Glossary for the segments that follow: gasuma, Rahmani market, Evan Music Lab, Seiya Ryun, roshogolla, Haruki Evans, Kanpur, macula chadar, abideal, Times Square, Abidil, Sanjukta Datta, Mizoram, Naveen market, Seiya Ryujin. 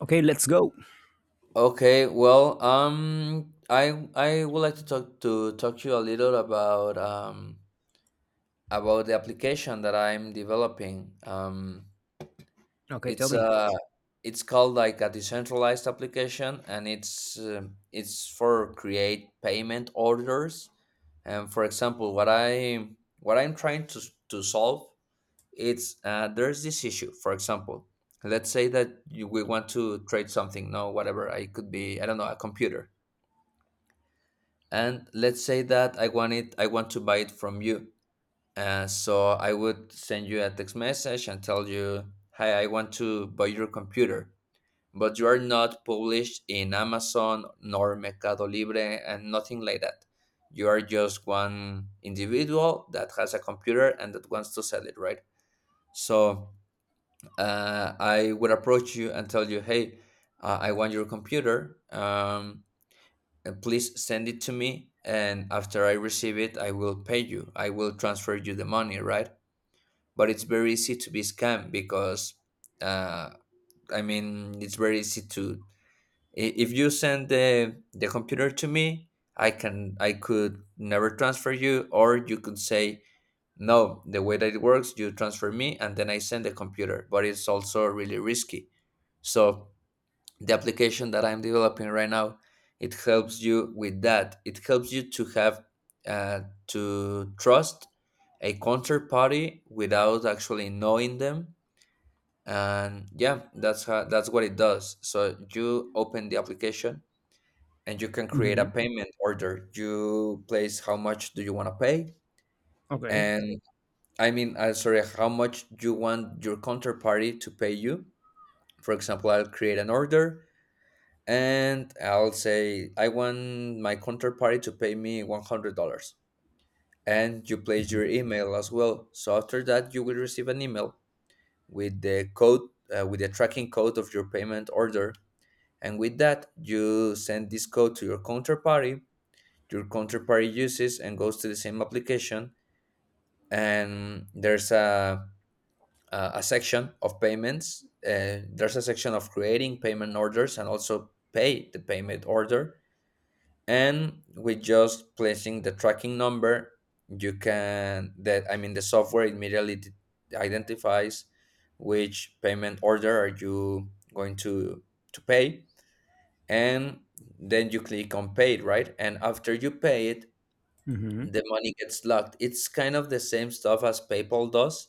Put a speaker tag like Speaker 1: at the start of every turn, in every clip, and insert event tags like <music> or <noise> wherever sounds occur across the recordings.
Speaker 1: Okay, let's go.
Speaker 2: Okay, well, I would like to talk to you a little about about the application that I'm developing.
Speaker 1: Okay, tell
Speaker 2: It's
Speaker 1: me.
Speaker 2: uh it's called like a decentralized application, and it's for create payment orders. And for example, what I'm trying to solve. It's uh, there's this issue. For example, let's say that we want to trade something, no, whatever. It could be, I don't know, a computer. And let's say that I want to buy it from you. So I would send you a text message and tell you, hi, I want to buy your computer, but you are not published in Amazon nor Mercado Libre and nothing like that. You are just one individual that has a computer and that wants to sell it, right? So I would approach you and tell you, hey, I want your computer. Please send it to me, and after I receive it, I will transfer you the money, right? But it's very easy to be scammed, because uh, I mean, it's very easy if you send the computer to me. I could never transfer you, or you could say, no, the way that it works, you transfer me and then I send the computer. But it's also really risky. So the application that I'm developing right now, it helps you with that. It helps you to have uh, to trust a counterparty without actually knowing them. And yeah, that's what it does. So you open the application, and you can create a
Speaker 1: Hmm.
Speaker 2: payment order. You place how much do you want to pay.
Speaker 1: Okay.
Speaker 2: And I mean, sorry, how much you want your counterparty to pay you. For example, I'll create an order, and I'll say, I want my counterparty to pay me $100. And you place your email as well. So after that, you will receive an email with the tracking code of your payment order. And with that, you send this code to your counterparty. Your counterparty uses and goes to the same application. And there's a section of payments. There's a section of creating payment orders and also pay the payment order. And with just placing the tracking number, you can that I mean the software immediately identifies which payment order are you going to pay. And then you click on pay, right? And after you pay it,
Speaker 1: Hmm.
Speaker 2: the money gets locked. It's kind of the same stuff as PayPal does.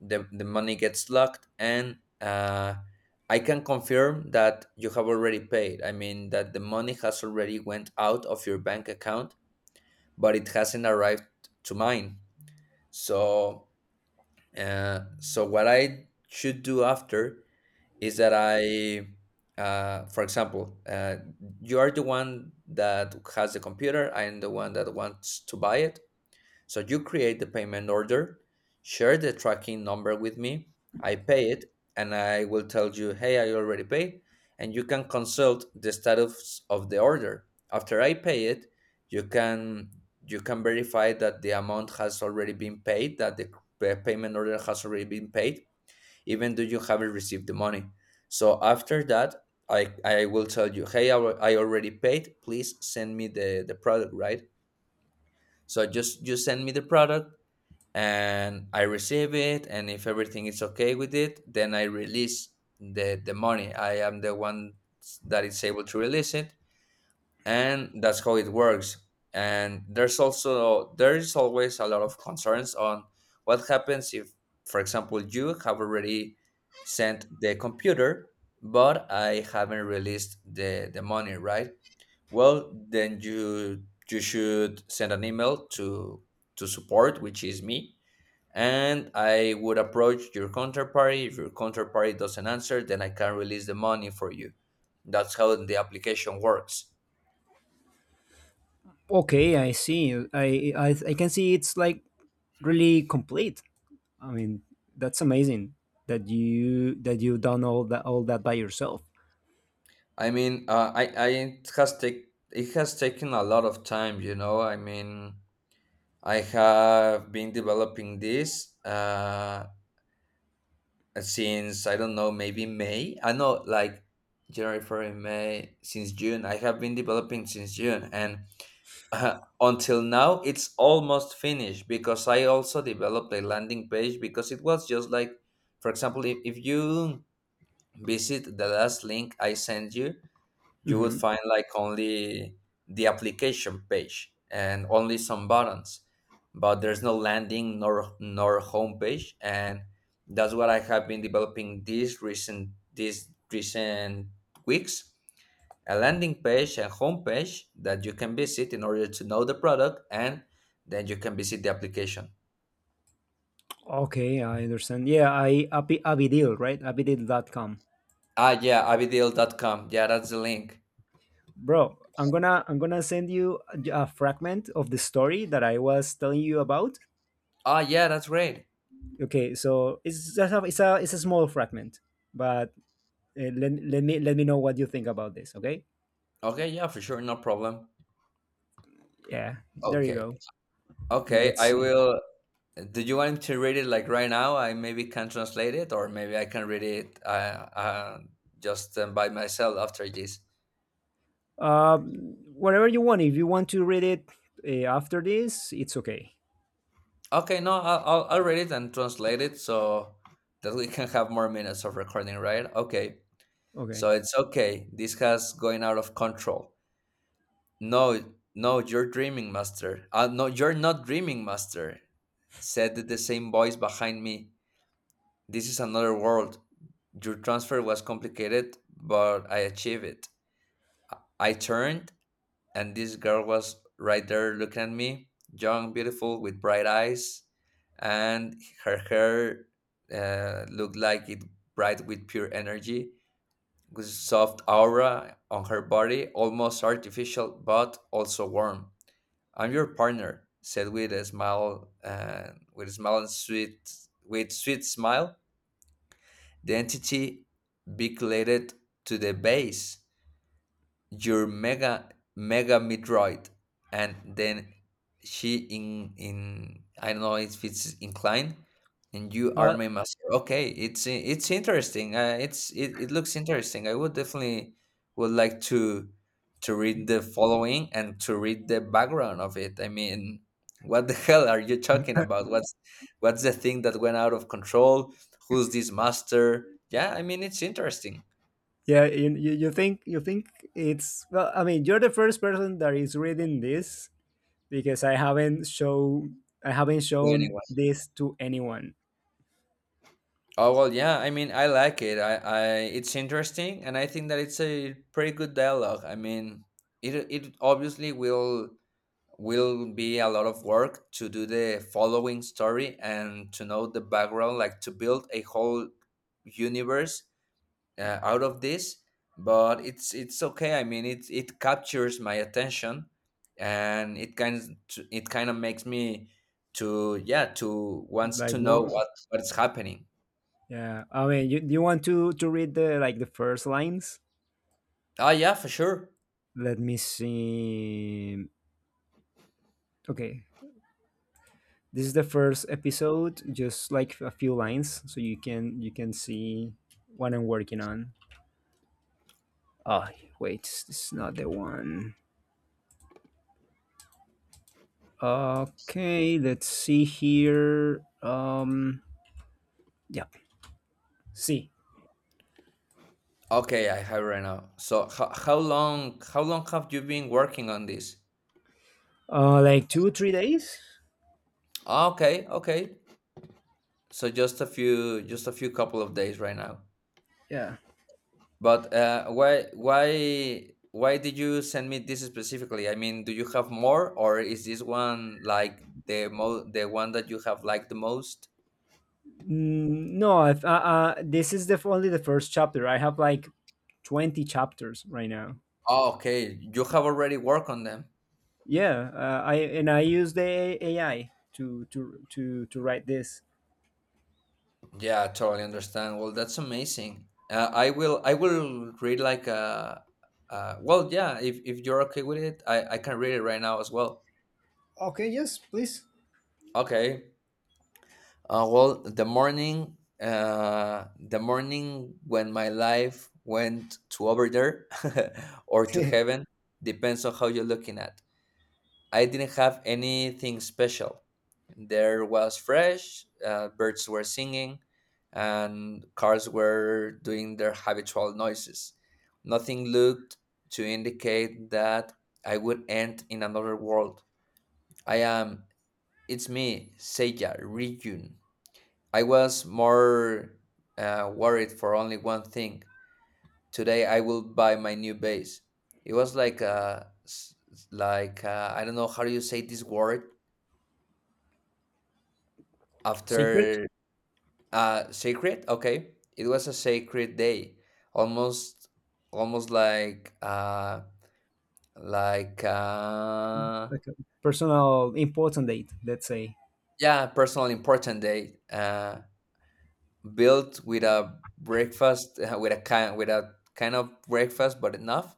Speaker 2: The money gets locked. And I can confirm that you have already paid. I mean, that the money has already went out of your bank account, but it hasn't arrived to mine. So, what I should do after is that I, for example, you are the one that has the computer. I am the one that wants to buy it. So you create the payment order, share the tracking number with me, I pay it, and I will tell you, hey, I already paid. And you can consult the status of the order. After I pay it, you can you can verify that the amount has already been paid, that the payment order has already been paid, even though you haven't received the money. So after that, I will tell you, hey, I already paid. Please send me the product, right? So just you send me the product, and I receive it, and if everything is okay with it, then I release the money. I am the one that is able to release it, and that's how it works. And there is always a lot of concerns on what happens if, for example, you have already sent the computer, but I haven't released the money, right? Well, then you should send an email to support, which is me. And I would approach your counterparty. If your counterparty doesn't answer, then I can release the money for you. That's how the application works.
Speaker 1: Okay, I see. I can see it's like really complete. I mean, that's amazing that you done all that all that. By yourself.
Speaker 2: I mean, I it has taken a lot of time. I mean, I have been developing this since I don't know, maybe May. I know, like January, February, May, since June. I have been developing since June, and <laughs> until now it's almost finished, because I also developed a landing page, because it was just like, for example, if you visit the last link I sent you would
Speaker 1: Hmm.
Speaker 2: find like only the application page and only some buttons. But there's no landing nor home page. And that's what I have been developing these recent weeks, a landing page, a homepage that you can visit in order to know the product, and then you can visit the application.
Speaker 1: Okay, I understand. Yeah, I Abidil, right? Abidil.com.
Speaker 2: Ah, yeah, abideal.com. Yeah, that's the link.
Speaker 1: Bro, I'm gonna send you a fragment of the story that I was telling you about.
Speaker 2: Ah, yeah, that's great.
Speaker 1: Okay, so it's just a, it's a it's a small fragment, but Let me let me know what you think about this. Okay.
Speaker 2: Okay, yeah, for sure, no problem.
Speaker 1: Yeah. There you
Speaker 2: Okay,
Speaker 1: go.
Speaker 2: okay,
Speaker 1: Let's
Speaker 2: I
Speaker 1: see.
Speaker 2: will. Do you want to read it like right now? I maybe can translate it, or maybe I can read it uh, just by myself after this.
Speaker 1: Um, Whatever you want. If you want to read it after this, it's okay.
Speaker 2: Okay, no, I'll read it and translate it so that we can have more minutes of recording, right? Okay.
Speaker 1: Okay.
Speaker 2: So it's okay. This has going out of control. No, no, you're dreaming, master. No, you're not dreaming, master, said the same voice behind me. This is another world. Your transfer was complicated, but I achieved it. I turned, and this girl was right there looking at me, young, beautiful, with bright eyes, and her hair looked like it bright with pure energy, with soft aura on her body, almost artificial but also warm. I'm your partner, said with a smile, and with a smile, and sweet, with sweet smile. The entity beculated to the base, your mega metroid, and then she, in I don't know if it's inclined, and you are
Speaker 1: Uh,
Speaker 2: my master. Okay, it's interesting. It looks interesting. I would definitely would like to read the following and to read the background of it. I mean, what the <laughs> hell are you talking about? What's the thing that went out of control? Who's this master? Yeah, I mean, it's interesting.
Speaker 1: yeah. You think it's well. I mean, you're the first person that is reading this because I haven't
Speaker 2: To
Speaker 1: shown
Speaker 2: anyone.
Speaker 1: this to anyone.
Speaker 2: Oh well, yeah. I mean, I like it. It's interesting, and I think that it's a pretty good dialogue. I mean, it obviously will be a lot of work to do the following story and to know the background, like to build a whole universe out of this. But it's okay. I mean, it captures my attention, and it kind of makes me to wants
Speaker 1: Like
Speaker 2: to know
Speaker 1: one.
Speaker 2: what's happening.
Speaker 1: Yeah, I mean, do you want to read the like the first lines?
Speaker 2: Ah, yeah, for sure.
Speaker 1: Let me see. Okay, this is the first episode, just like a few lines, so you can see what I'm working on. Oh, wait, this is not the one. Okay, let's see here. Yeah, see,
Speaker 2: Okay, I have right now. So how long have you been working on this?
Speaker 1: like two three days.
Speaker 2: Ah, okay, okay. So just a few couple of days right now.
Speaker 1: Yeah.
Speaker 2: But why did you send me this specifically? I mean, do you have more, or is this one like the one that you have liked the most?
Speaker 1: No, this is only the first chapter. I have like 20 chapters right now.
Speaker 2: Oh, okay. You have already worked on them.
Speaker 1: Yeah, I and I use the AI to write this.
Speaker 2: Yeah, totally understand. Well, that's amazing. I will read like a well, yeah, if you're okay with it, I can read it right now as well.
Speaker 1: Okay, yes, please.
Speaker 2: Okay. Well, the morning when my life went to over there <laughs> or to
Speaker 1: <laughs>
Speaker 2: heaven, depends on how you're looking at. I didn't have anything special. There was fresh, birds were singing, and cars were doing their habitual noises. Nothing looked to indicate that I would end in another world. I am, it's me, Seiya, Ryun. I was more worried for only one thing. Today I will buy my new base. It was like I don't know how do you say this word,
Speaker 1: Secret,
Speaker 2: after. Sacred. Okay, it was a sacred day, almost almost like
Speaker 1: like a personal important date. Let's say
Speaker 2: yeah, personal important day. Built with a breakfast, with a kind of breakfast but enough.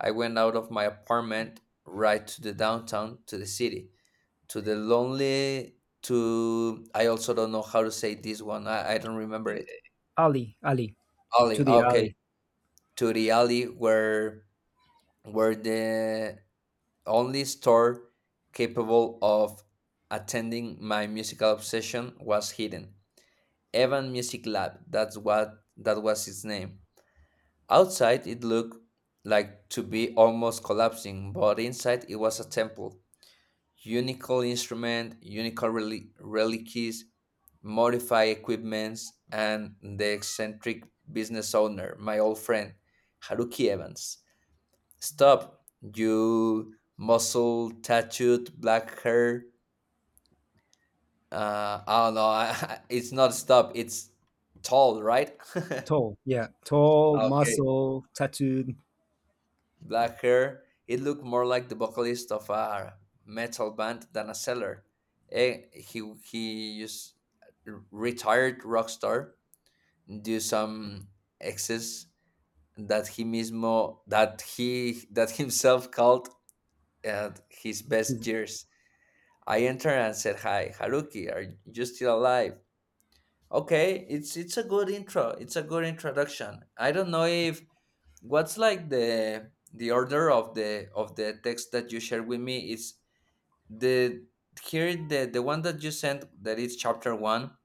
Speaker 2: I went out of my apartment, right to the downtown, to the city, to the lonely, to, I also don't know how to say this one, I don't remember it.
Speaker 1: Ali, to
Speaker 2: Ollie.
Speaker 1: the
Speaker 2: Okay,
Speaker 1: Ali,
Speaker 2: to the alley where were the only store capable of attending my musical obsession was hidden. Evan Music Lab, that was its name. Outside it looked like to be almost collapsing, but inside it was a temple. Unical instrument, unical relics, modified equipments, and the eccentric business owner, my old friend, Haruki Evans. Stop, you muscle tattooed black hair. I don't know. I, <laughs> It's not stop. It's tall, right?
Speaker 1: tall, yeah, tall,
Speaker 2: <laughs> Okay,
Speaker 1: muscle, tattooed.
Speaker 2: black hair. It looked more like the vocalist of a metal band than a seller. Eh, he he used retired rock star do some exes that he mismo that he that himself called at his best
Speaker 1: He's,
Speaker 2: years. I entered and said, "Hi, Haruki, are you still alive?" Okay, it's a good intro. It's a good introduction. I don't know if what's like the order of the text that you shared with me is the here the one that you sent that is chapter one.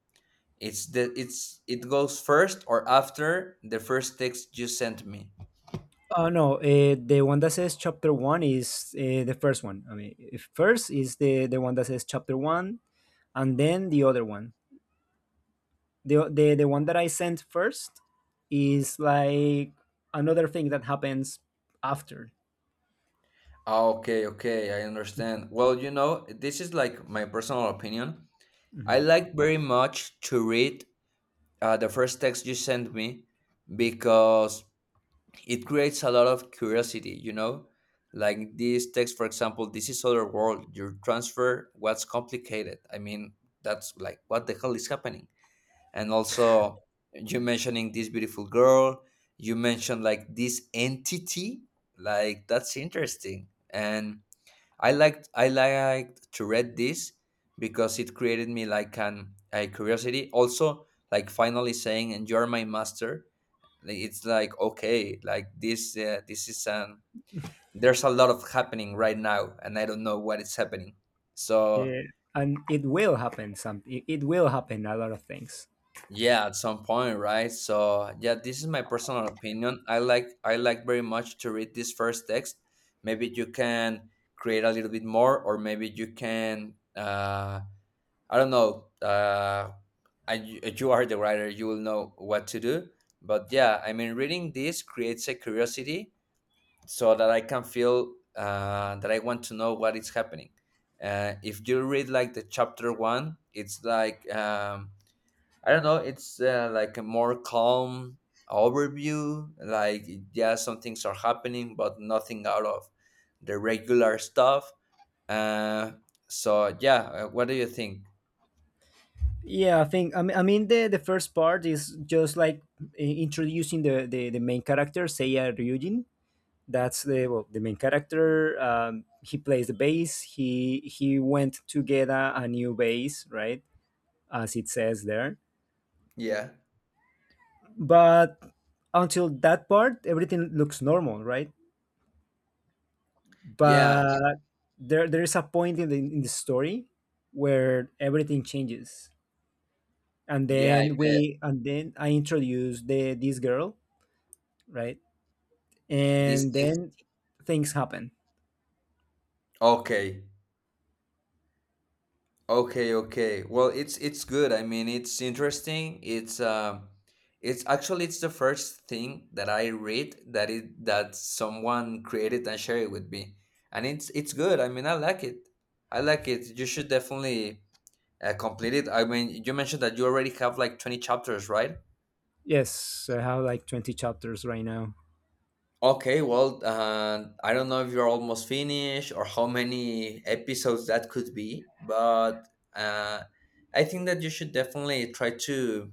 Speaker 2: It's the it's it goes first or after the first text you sent me.
Speaker 1: oh no, the one that says chapter one is the first one. I mean, if first is the one that says chapter one, and then the other one. The one that I sent first is like another thing that happens after.
Speaker 2: Okay, okay, I understand. Well, this is like my personal opinion. I
Speaker 1: Mhm.
Speaker 2: like very much to read the first text you sent me because it creates a lot of curiosity, you know? Like this text, for example, this is other world, your transfer, what's complicated? I mean, that's like, what the hell is happening? And also, you mentioning this beautiful girl, you mentioned like this entity, like that's interesting. And I liked to read this because it created me like an a curiosity. Also, like finally saying, "And you're my master." Like, it's like okay, like this this is an there's a lot of happening right now, and I don't know what is happening. So
Speaker 1: Yeah, and it will happen. It will happen a lot of things.
Speaker 2: yeah, at some point, right? So yeah, this is my personal opinion. I like very much to read this first text. Maybe you can create a little bit more, or maybe you can. I don't know. You are the writer, you will know what to do. But yeah, I mean, reading this creates a curiosity so that I can feel that I want to know what is happening. If you read like the chapter one, it's like, I don't know, it's like a more calm overview. Like, yeah, some things are happening, but nothing out of the regular stuff. Uh, so, yeah, what do you think?
Speaker 1: Yeah, I think. I mean, I mean the first part is just like introducing the main character Seiya Ryujin. That's the well, the main character. He plays the bass. He went to get a new bass, right? As it says there,
Speaker 2: Yeah.
Speaker 1: but until that part everything looks normal, right?
Speaker 2: Yeah,
Speaker 1: But there is a point in the story where everything changes, and
Speaker 2: yeah, I
Speaker 1: then
Speaker 2: bet.
Speaker 1: we and then I introduce the this girl, right?
Speaker 2: This
Speaker 1: And
Speaker 2: is-
Speaker 1: then things happen.
Speaker 2: okay. Okay, okay. Well, it's good. I mean, it's interesting. It's actually it's the first thing that I read that it that someone created and shared it with me. And it's good. I mean, I like it. I like it. You should definitely complete it. I mean, you mentioned that you already have like 20 chapters, right?
Speaker 1: Yes, I have like 20 chapters right now.
Speaker 2: Okay, well, I don't know if you're almost finished or how many episodes that could be, but uh, I think that you should definitely try to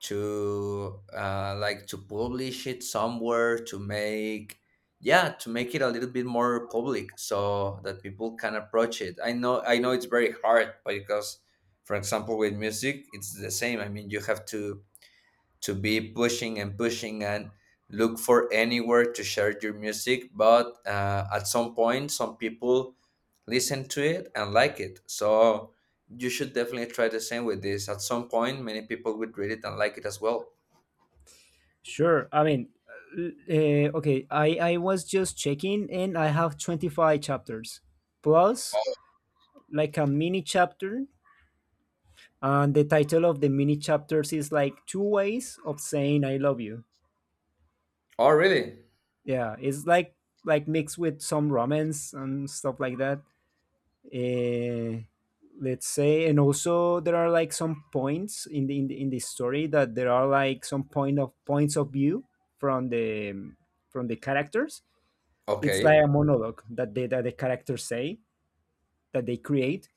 Speaker 2: to publish it somewhere to make it a little bit more public so that people can approach it. I know it's very hard because, for example, with music it's the same. I mean, you have to be pushing and pushing and look for anywhere to share your music, but at some point some people listen to it and like it, so you should definitely try the same with this. At some point many people would read it and like it as well.
Speaker 1: Sure, I mean, okay, I was just checking and I have 25 chapters plus like a mini chapter. And the title of the mini chapters is like two ways of saying I love you.
Speaker 2: Oh really.
Speaker 1: Yeah, it's like mixed with some romance and stuff like that. Eh, let's say, and also there are like some points in the story that there are like some points of view from the from the characters. It's like a
Speaker 2: Okay,
Speaker 1: monologue that the characters say that they create,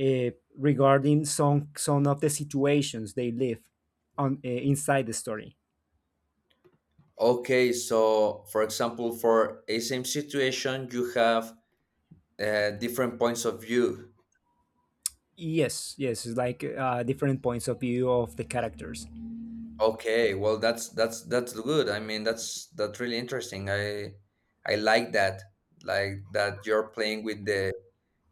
Speaker 1: uh, regarding some of the situations they live on inside the story.
Speaker 2: okay, so for example for a same situation you have different points of view.
Speaker 1: Yes, yes, it's like different points of view of the characters.
Speaker 2: Okay, well that's good. I mean that's really interesting. I like that. Like that you're playing with the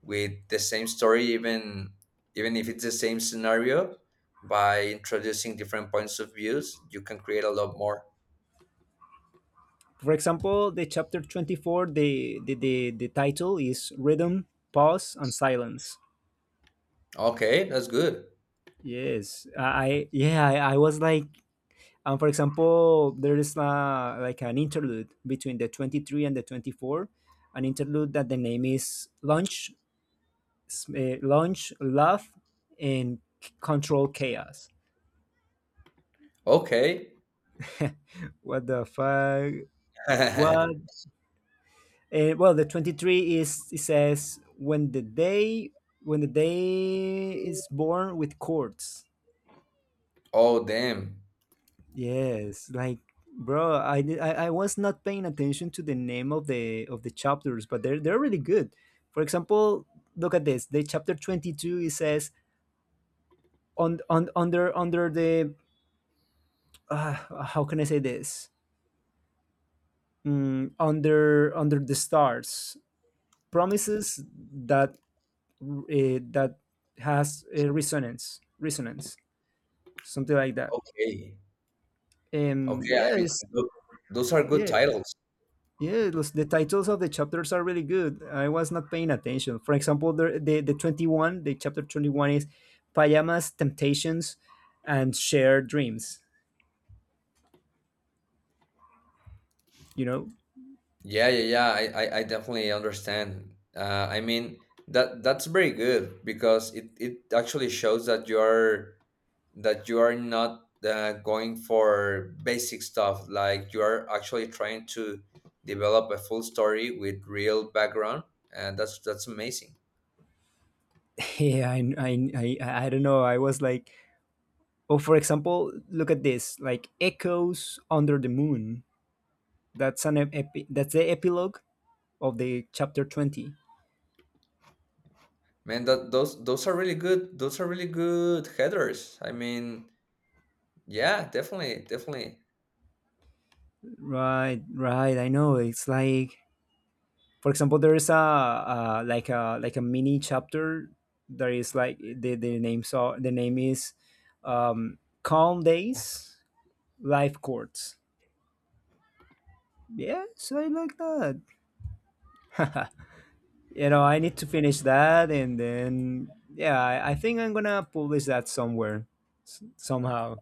Speaker 2: same story, even if it's the same scenario, by introducing different points of views, you can create a lot more.
Speaker 1: For example, the chapter 24, the title is Rhythm, Pause, and Silence.
Speaker 2: Okay, that's good.
Speaker 1: Yes, yeah, I was like, for example, there is like an interlude between the 23 and the 24, an interlude that the name is lunch, Launch, Love, and Control Chaos.
Speaker 2: Okay.
Speaker 1: What the fuck? What?
Speaker 2: <laughs>
Speaker 1: Well, the 23 is it says when the day is born with chords.
Speaker 2: Oh damn.
Speaker 1: Yes, like bro, I, di- I was not paying attention to the name of the chapters, but they're really good. For example, look at this. The chapter 22 it says on under the, how can I say this? Mm, under under the stars promises that, that has, resonance, resonance, something like that.
Speaker 2: Okay.
Speaker 1: And
Speaker 2: Okay, I mean
Speaker 1: yes,
Speaker 2: tho- those are good
Speaker 1: yeah,
Speaker 2: titles.
Speaker 1: the titles of the chapters are really good. I was not paying attention. For example, the chapter 21 is pajamas, temptations, and shared dreams. You know,
Speaker 2: Yeah, yeah, yeah. I definitely understand. I mean that that's very good because it actually shows that you are not going for basic stuff. Like you are actually trying to develop a full story with real background, and that's amazing,
Speaker 1: <laughs> yeah, I don't know. I was like, oh, for example, look at this, like echoes under the moon. That's an that's the epilogue of the chapter 20.
Speaker 2: man. That those are really good. Those are really good headers. I mean, yeah, definitely, definitely.
Speaker 1: Right, right. I know. It's like, for example, there is a like a like a mini chapter that is like the name is, Calm Days, Life Courts. Yeah, so I like that. <laughs> You know, I need to finish that, and then yeah, I think I'm gonna publish that somewhere, somehow.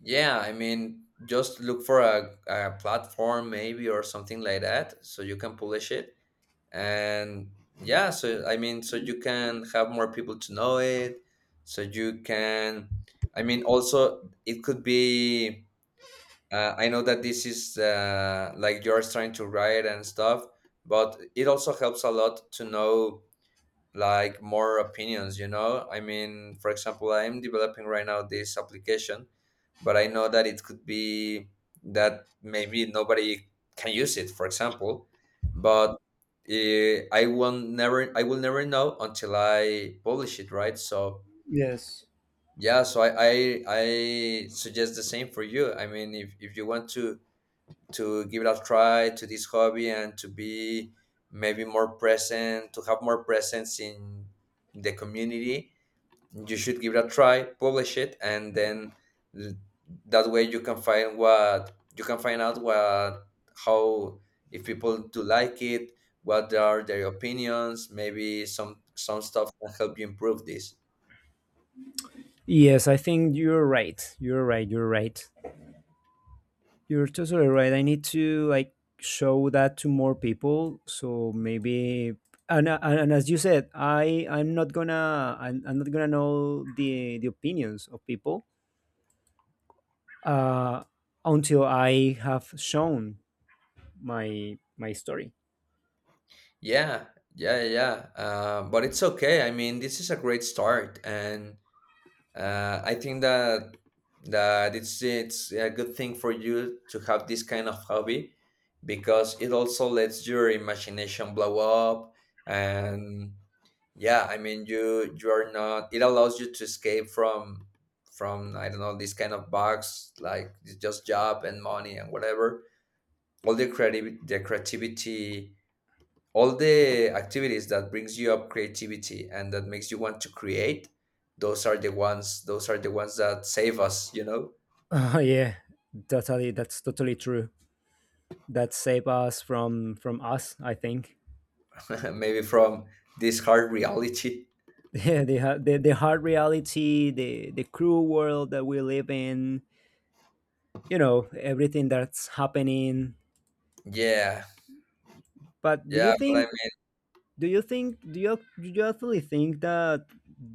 Speaker 2: Yeah, I mean, just look for a platform maybe or something like that so you can publish it. And yeah, so I mean, so you can have more people to know it. So you can, I mean, also it could be, I know that this is like you're trying to write and stuff, but it also helps a lot to know, like, more opinions, I mean, for example, I am developing right now this application, but I know that it could be that maybe nobody can use it, for example, but I will never know until I publish it, right? So
Speaker 1: Yes.
Speaker 2: yeah, so I suggest the same for you. I mean, if you want to give it a try to this hobby and to be maybe more present, to have more presence in the community, you should give it a try, publish it, and then, l- that way you can find what you can find out what how if people do like it, what are their opinions, maybe some stuff can help you improve this.
Speaker 1: Yes, I think you're right. You're totally right. I need to like show that to more people. So maybe and as you said, I'm not gonna know the opinions of people, uh, until I have shown my my story. <laughs>
Speaker 2: Yeah, yeah, yeah, yeah, but it's okay. I mean, this is a great start, and I think that it's a good thing for you to have this kind of hobby, because it also lets your imagination blow up, and yeah, I mean, you are not it allows you to escape from I don't know, this kind of box, like it's just job and money and whatever. All the creativity, all the activities that brings you up creativity and that makes you want to create, those are the ones that save us, you know.
Speaker 1: Yeah, totally. That's totally true. That save us from us. I think. <laughs>
Speaker 2: <laughs> Maybe from this hard reality.
Speaker 1: Yeah, the hard reality, the cruel world that we live in. You know everything that's happening.
Speaker 2: Yeah,
Speaker 1: But
Speaker 2: yeah, but I mean,
Speaker 1: do you actually think that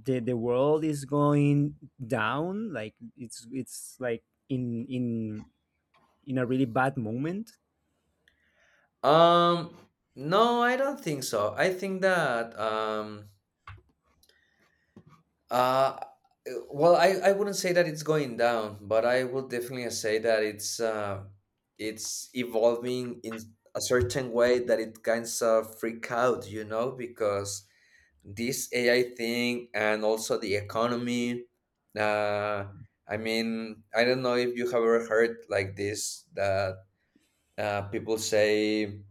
Speaker 1: the world is going down like it's like in in in a really bad moment?
Speaker 2: um no, I don't think so. I think that, uh well, I wouldn't say that it's going down, but I would definitely say that it's evolving in a certain way that it kinds of freak out, you know, because this AI thing and also the economy. Uh, I mean, I don't know if you have ever heard like this, that people say,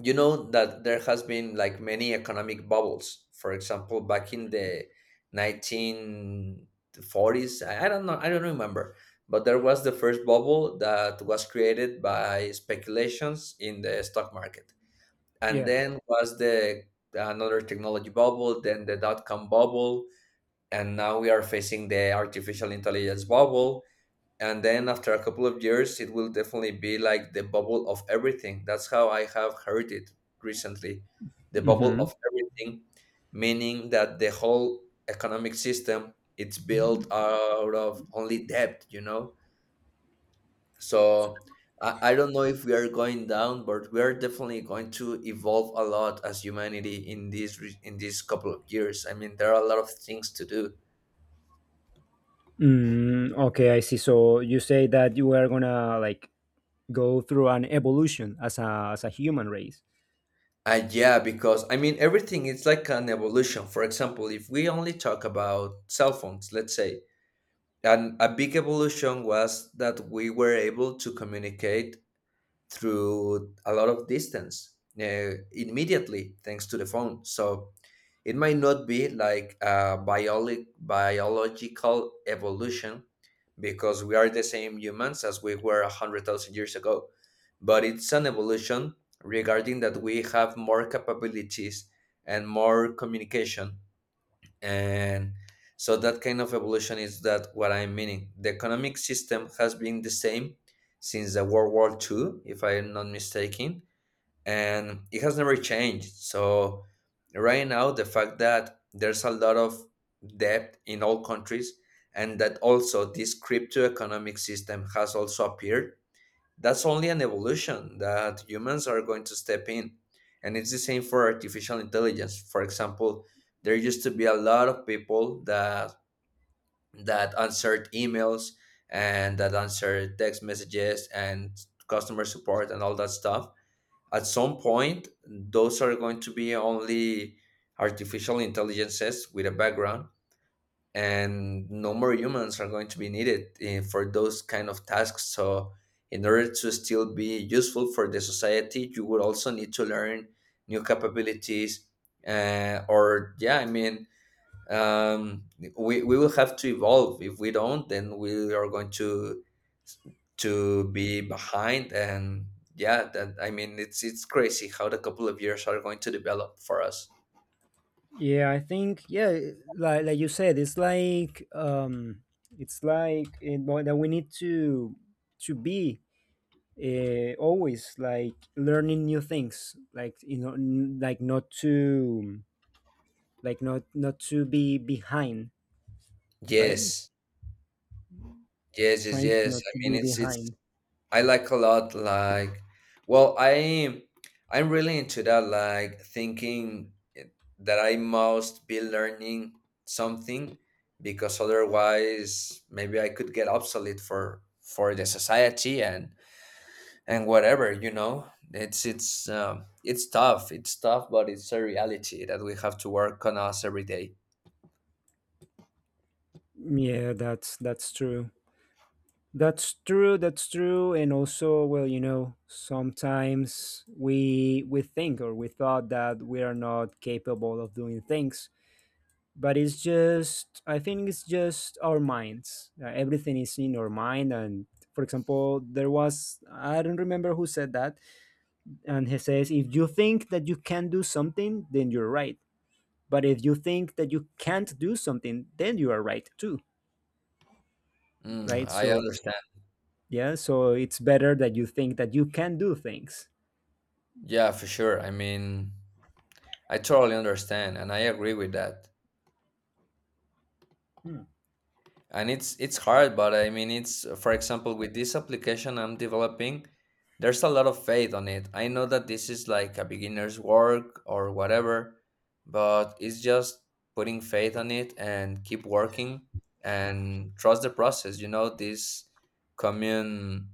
Speaker 2: that there has been like many economic bubbles. For example, back in the 1940s, I don't know, I don't remember, but there was the first bubble that was created by speculations in the stock market, and
Speaker 1: Yeah.
Speaker 2: then was the another technology bubble, then the dot-com bubble, and now we are facing the artificial intelligence bubble. And then after a couple of years it will definitely be like the bubble of everything. That's how I have heard it recently: the bubble of
Speaker 1: Mhm.
Speaker 2: everything, meaning that the whole economic system, it's built out of only debt, you know. So I don't know if we are going down, but we are definitely going to evolve a lot as humanity in in these couple of years. I mean, there are a lot of things to do.
Speaker 1: Mm, okay, I see. So you say that you are going to like go through an evolution as a human race.
Speaker 2: Yeah, because I mean, everything is like an evolution. For example, if we only talk about cell phones, let's say, and a big evolution was that we were able to communicate through a lot of distance immediately thanks to the phone. So it might not be like a biological evolution, because we are the same humans as we were 100,000 years ago, but it's an evolution regarding that we have more capabilities and more communication. And so that kind of evolution is that what I'm meaning. The economic system has been the same since the World War II, if I'm not mistaken, and it has never changed. So right now, the fact that there's a lot of debt in all countries, and that also this crypto economic system has also appeared, that's only an evolution that humans are going to step in. And it's the same for artificial intelligence. For example, there used to be a lot of people that answered emails and that answered text messages and customer support and all that stuff. At some point those are going to be only artificial intelligences with a background, and no more humans are going to be needed, for those kind of tasks. So in order to still be useful for the society, you would also need to learn new capabilities, or yeah, I mean, um, we will have to evolve. If we don't, then we are going to be behind, and yeah, that I mean, it's crazy how the couple of years are going to develop for us.
Speaker 1: Yeah, I think, yeah, like you said, it's like, it's like it, but that we need to be, always like learning new things, like you know, like not to like not not to be behind, right?
Speaker 2: Yes, yes, yes,
Speaker 1: Trying
Speaker 2: yes,
Speaker 1: not
Speaker 2: I
Speaker 1: to
Speaker 2: mean
Speaker 1: be
Speaker 2: it's
Speaker 1: behind.
Speaker 2: I like a lot, like, well, I'm really into that, like, thinking that I must be learning something, because otherwise maybe I could get obsolete for the society and whatever, you know. It's tough, but it's a reality that we have to work on us every day.
Speaker 1: Yeah, that's true. That's true. And also, well, you know, sometimes we think or we thought that we are not capable of doing things, but it's just I think it's just our minds. Everything is in our mind, and for example, there was I don't remember who said that, and he says if you think that you can do something, then you're right. But if you think that you can't do something, then you are right too,
Speaker 2: Mm,
Speaker 1: right?
Speaker 2: I
Speaker 1: So
Speaker 2: understand.
Speaker 1: yeah, so it's better that you think that you can do things.
Speaker 2: Yeah, for sure. I mean, I totally understand and I agree with that.
Speaker 1: Hmm.
Speaker 2: And it's hard, but I mean, it's for example, with this application I'm developing, there's a lot of faith on it. I know that this is like a beginner's work or whatever, but it's just putting faith on it and keep working and trust the process, you know, this commune,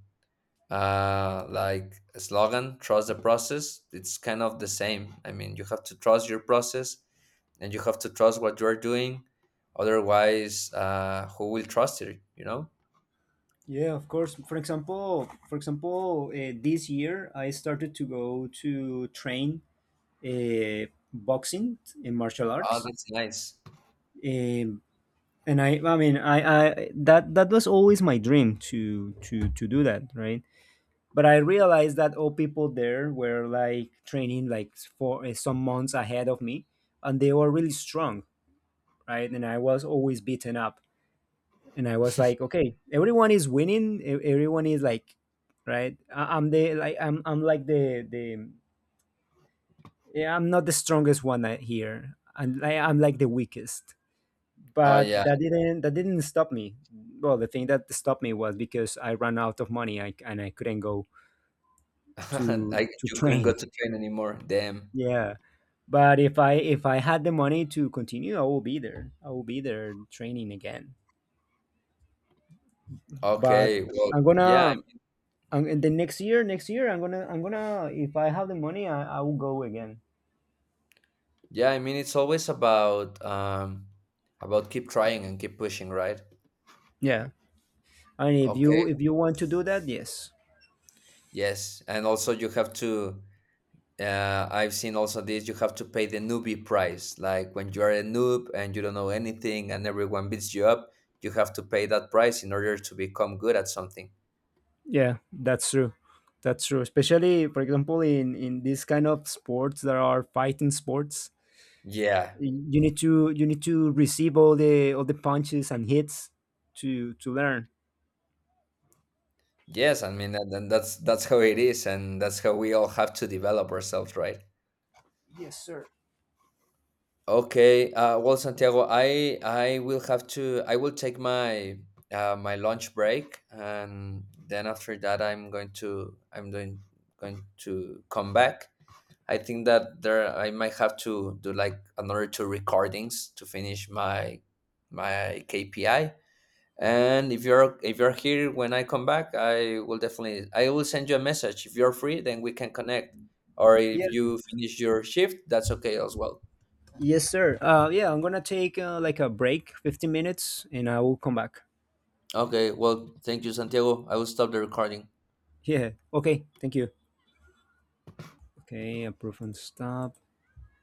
Speaker 2: like a slogan, trust the process. It's kind of the same. I mean, you have to trust your process, and you have to trust what you're doing. Otherwise, who will trust it, you know?
Speaker 1: Yeah, of course. For example, this year I started to go to train, uh, boxing in martial
Speaker 2: Oh,
Speaker 1: arts,
Speaker 2: that's nice.
Speaker 1: um, and I that that was always my dream to do that, right? But I realized that all people there were like training like for, some months ahead of me, and they were really strong, right? And I was always beaten up, and I was like, okay, everyone is winning. Everyone is like, right? I'm like the, yeah, I'm not the strongest one out here. I'm like the weakest.
Speaker 2: Oh
Speaker 1: But
Speaker 2: yeah.
Speaker 1: that didn't stop me. Well, the thing that stopped me was because I ran out of money. And I couldn't go
Speaker 2: <laughs> I
Speaker 1: to
Speaker 2: You couldn't go
Speaker 1: train.
Speaker 2: to
Speaker 1: <laughs>
Speaker 2: train anymore, damn.
Speaker 1: Yeah. But if I had the money to continue, I will be there. I will be there training again. But
Speaker 2: Okay, well,
Speaker 1: I'm
Speaker 2: yeah,
Speaker 1: gonna, and the next year, I'm gonna if I have the money, I will go again.
Speaker 2: yeah, I mean, it's always about, about keep trying and keep pushing, right?
Speaker 1: Yeah, and
Speaker 2: Okay,
Speaker 1: if you want to do that, yes.
Speaker 2: yes, and also you have to I've seen also this. You have to pay the newbie price. Like when you are a noob and you don't know anything, and everyone beats you up, you have to pay that price in order to become good at something.
Speaker 1: Yeah, that's true, especially for example in this kind of sports that are fighting sports,
Speaker 2: Yeah.
Speaker 1: you need to receive all the punches and hits to learn.
Speaker 2: Yes. I mean, and that's how it is, and that's how we all have to develop ourselves, right?
Speaker 1: Yes, sir.
Speaker 2: Okay. Well, Santiago, I will have to. I will take my my lunch break, and then after that, I'm going to I'm doing going to come back. I think that there I might have to do like another two recordings to finish my KPI. And if you're here when I come back, I will definitely I will send you a message. If you're free, then we can connect. Or if
Speaker 1: yes
Speaker 2: you finish your shift, that's okay as well.
Speaker 1: yes, sir, yeah, I'm gonna take, like a break 15 minutes and I will come back.
Speaker 2: Okay, well, thank you, Santiago. I will stop the recording.
Speaker 1: Yeah, okay, thank you. Okay, approve and stop.